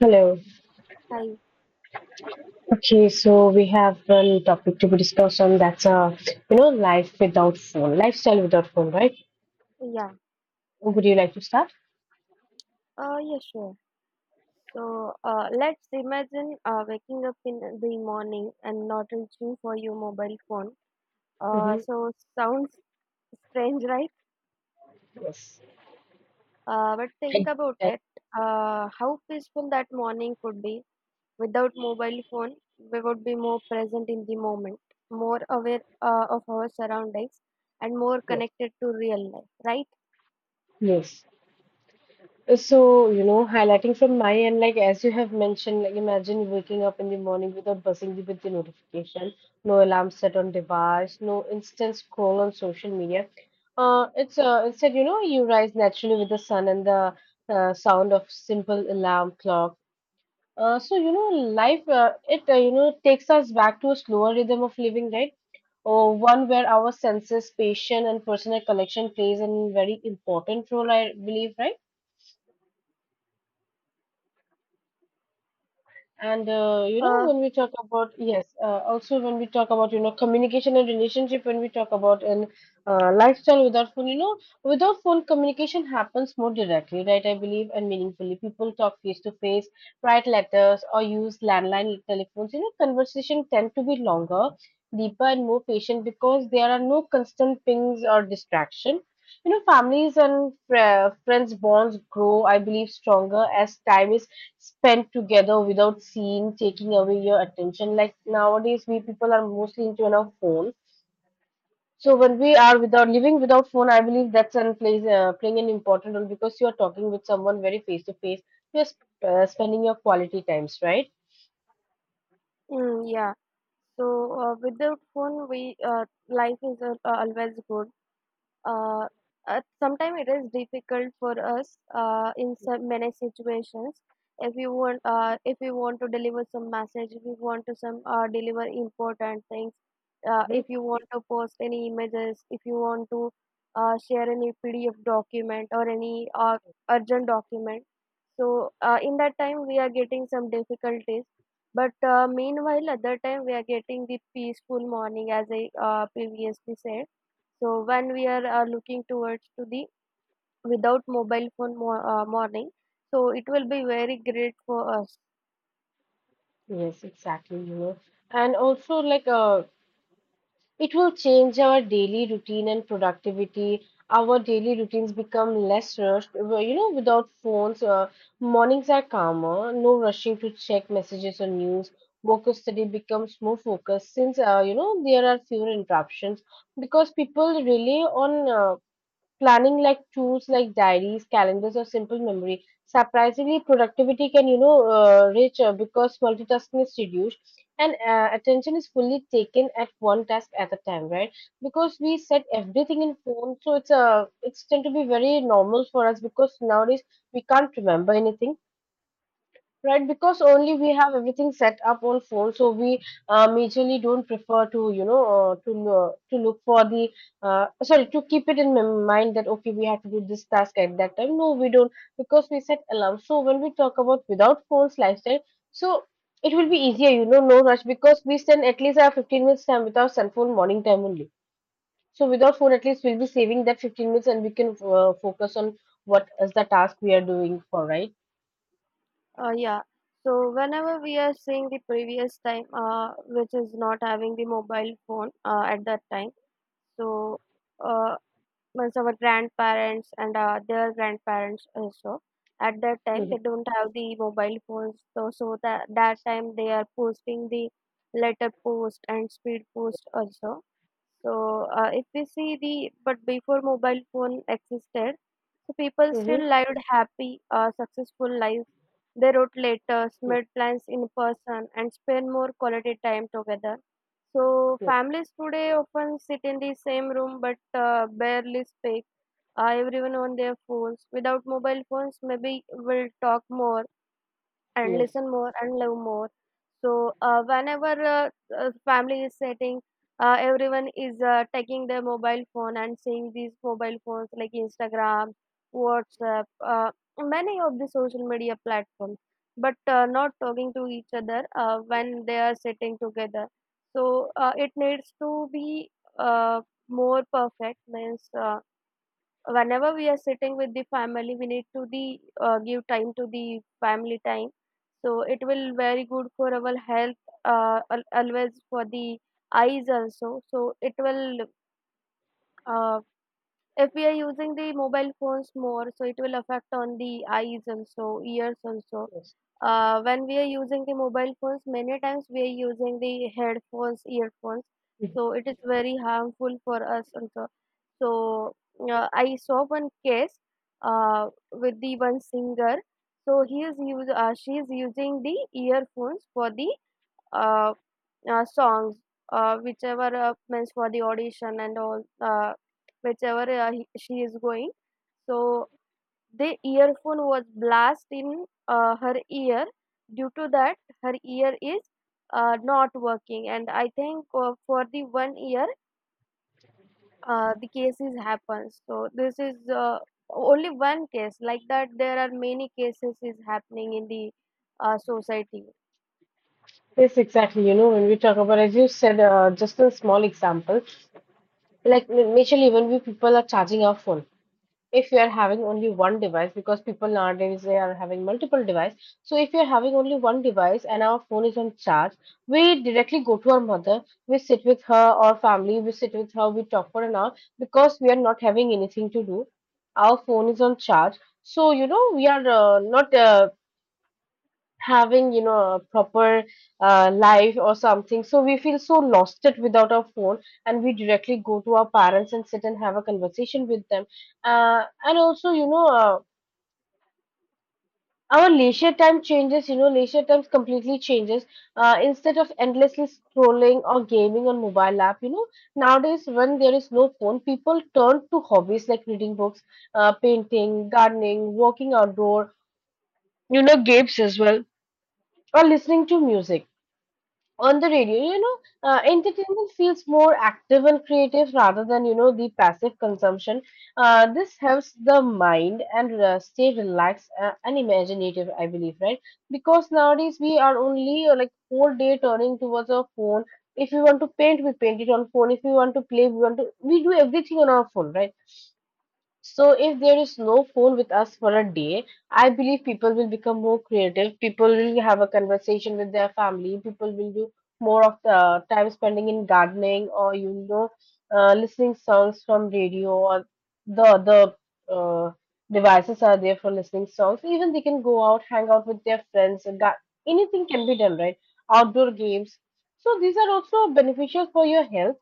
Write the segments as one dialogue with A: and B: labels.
A: Hello.
B: Hi.
A: Okay, so we have one topic to be discussed on, that's you know, life without phone, lifestyle without phone, right?
B: Yeah.
A: Would you like to start?
B: Yeah, sure. So let's imagine waking up in the morning and not reaching for your mobile phone. Uh,
A: Mm-hmm.
B: so sounds strange, right?
A: Yes.
B: But think
A: I-
B: about it. How peaceful that morning could be without mobile phone. We would be more present in the moment, more aware of our surroundings, and more
A: I-
B: connected to real life, right?
A: Yes. So, you know, highlighting from my end, like as you have mentioned, like imagine waking up in the morning without buzzing with the notification, no alarm set on device, no instant scroll on social media. It's Instead, you know, you rise naturally with the sun and the sound of simple alarm clock. So you know, life it you know, takes us back to a slower rhythm of living, right? Or one where our senses, patience, and personal connection plays a very important role, I believe, right? And you know,
B: Uh,
A: when we talk about, yes, also when we talk about, you know, communication and relationship, when we talk about and lifestyle without phone, you know, without phone, communication happens more directly, right? I believe, and meaningfully, people talk face to face, write letters, or use landline telephones. You know, conversation tend to be longer, deeper, and more patient because there are no constant pings or distraction. You know, families and friends bonds grow, I believe, stronger as time is spent together without seeing taking away your attention. Like nowadays we people are mostly into our phone, so when we are without, living without phone, I believe that's and plays playing an important role because you are talking with someone very face to face, you're spending your quality times, right?
B: Mm, yeah. So with the phone, we life is always good. uh, Sometimes it is difficult for us in some many situations. If you want to deliver some message, if you want to some deliver important things,
A: Hmm.
B: if you want to post any images, if you want to share any pdf document or any urgent document, in that time we are getting some difficulties. But meanwhile at that time we are getting the peaceful morning as I previously said. So when we are looking towards to the without mobile phone mo morning, so it will be very great for us.
A: Yes, exactly, you know. And also, like, it will change our daily routine and productivity. Our daily routines become less rushed. Well, you know, without phones, mornings are calmer, no rushing to check messages or news. Work or study becomes more focused since, you know, there are fewer interruptions because people rely on uh, planning, like tools like diaries, calendars, or simple memory. Surprisingly, productivity can, reach because multitasking is reduced and attention is fully taken at one task at a time, right? Because we set everything in phone, so it's tend to be very normal for us because nowadays we can't remember anything. Right, because only we have everything set up on phone, so we majorly don't prefer to, you know, to look for the, sorry, to keep it in mind that, okay, we have to do this task at that time. No, we don't, because we set alarm. So when we talk about without phones lifestyle, so it will be easier, you know, no rush, because we spend at least our 15 minutes time with our cell phone morning time only. So without phone, at least we'll be saving that 15 minutes and we can focus on what is the task we are doing for, right?
B: Yeah. So whenever we are seeing the previous time, which is not having the mobile phone at that time, so. Uh, means our grandparents and their grandparents also, at that time
A: Mm-hmm.
B: they don't have the mobile phones, so, so that time they are posting the letter post and speed post also. so if we see, the but before mobile phone existed, so people
A: Mm-hmm.
B: still lived happy successful lives. They wrote letters, made plans in person, and spent more quality time together. So families today often sit in the same room but barely speak. Everyone on their phones. Without mobile phones, maybe we'll talk more and
A: Yes,
B: listen more and love more. So whenever uh, family is sitting, everyone is taking their mobile phone and seeing these mobile phones like Instagram, WhatsApp, many of the social media platforms, but not talking to each other when they are sitting together. So it needs to be uh, more perfect, means. Whenever we are sitting with the family, we need to the give time to the family time. So it will very good for our health, always for the eyes also. So it will, uh, if we are using the mobile phones more, so it will affect on the eyes also, ears also.
A: yes.
B: When we are using the mobile phones, many times we are using the headphones, earphones, so
A: Mhm.
B: it is very harmful for us also. So I saw one case uh, with the one singer. She is using the earphones for the uh, songs, whichever, means for the audition and all, she is going. So the earphone was blast in her ear. Due to that, her ear is not working, and I think for the 1 year, the cases happen. So this is only one case. Like that, there are many cases is happening in the society.
A: Yes, exactly. You know, when we talk about, as you said, just a small example, like, naturally, when we people are charging our phone, if you are having only one device, because people nowadays they are having multiple device. So if you are having only one device and our phone is on charge, we directly go to our mother, we sit with her, or family, we sit with her, we talk for an hour because we are not having anything to do. Our phone is on charge. So, you know, we are not having, you know, a proper life or something, so we feel so lost it without our phone, and we directly go to our parents and sit and have a conversation with them. And also, you know, our leisure time changes, you know, leisure times completely changes. Instead of endlessly scrolling or gaming on mobile app, you know, nowadays when there is no phone, people turn to hobbies like reading books, painting, gardening, walking outdoor, you know, games as well, or listening to music on the radio, you know. Entertainment feels more active and creative rather than, you know, the passive consumption. This helps the mind and stay relaxed and imaginative, I believe, right? Because nowadays we are only, whole day turning towards our phone. If we want to paint, we paint it on phone. If we want to play, we want to we do everything on our phone, right? So if there is no phone with us for a day, I believe people will become more creative. People will have a conversation with their family. People will do more of the time spending in gardening or, you know, listening songs from radio or the other uh, devices are there for listening songs. Even they can go out, hang out with their friends. Anything can be done, right? Outdoor games. So these are also beneficial for your health,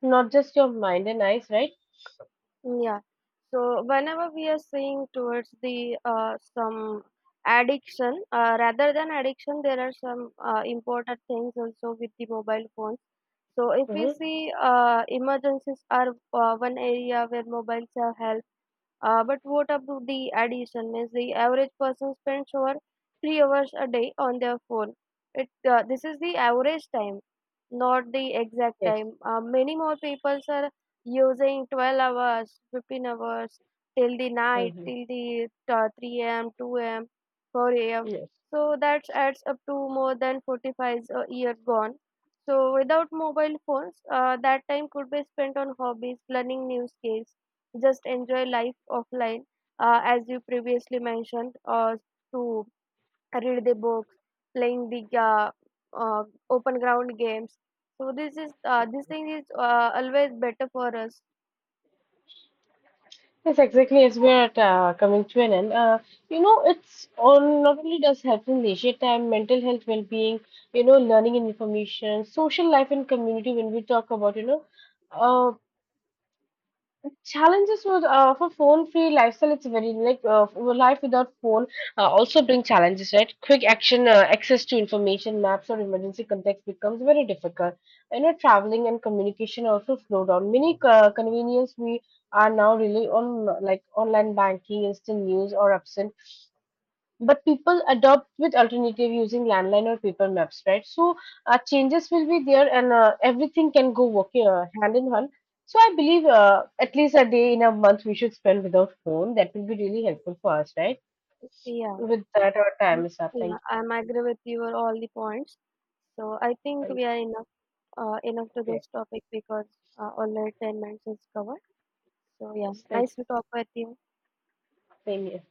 A: not just your mind and eyes, right?
B: Yeah. So whenever we are seeing towards the some addiction, rather than addiction, there are some important things also with the mobile phones. So if we
A: Mm-hmm.
B: see, emergencies are one area where mobiles have helped. But what about the addition? Means the average person spends over 3 hours a day on their phone. It This is the average time, not the exact
A: Yes.
B: time. Many more people are using 12 hours, 15 hours till the night,
A: Hmm.
B: till the three a.m., two a.m., four a.m.
A: Yes.
B: So that adds up to more than 45 a year gone. So without mobile phones, that time could be spent on hobbies, learning new skills, just enjoy life offline, as you previously mentioned, to read the books, playing the uh, open ground games. So this thing is always better for us.
A: Yes, exactly. As we are coming to an end, you know, it's all not only does health and leisure time, mental health, well-being, you know, learning and information, social life and community. When we talk about, you know, uh, challenges for, phone free lifestyle, it's very like, for life without phone, also bring challenges, right? Quick action, access to information, maps, or emergency contacts becomes very difficult. You know, traveling and communication also slow down. Many convenience we are now really on, like online banking, instant news, or absent, but people adopt with alternative using landline or paper maps, right? So changes will be there, and everything can go working hand in hand. So I believe at least a day in a month we should spend without phone. That will be really helpful for us, right?
B: Yeah.
A: With that, our
B: I'm,
A: time is up. Thank
B: yeah, I'm agree with your all the points, so I think
A: you.
B: we are enough, enough to
A: Yes,
B: this topic because already 10 minutes is covered. So yeah,
A: yes, thank
B: nice
A: you.
B: to talk with you.
A: Same here.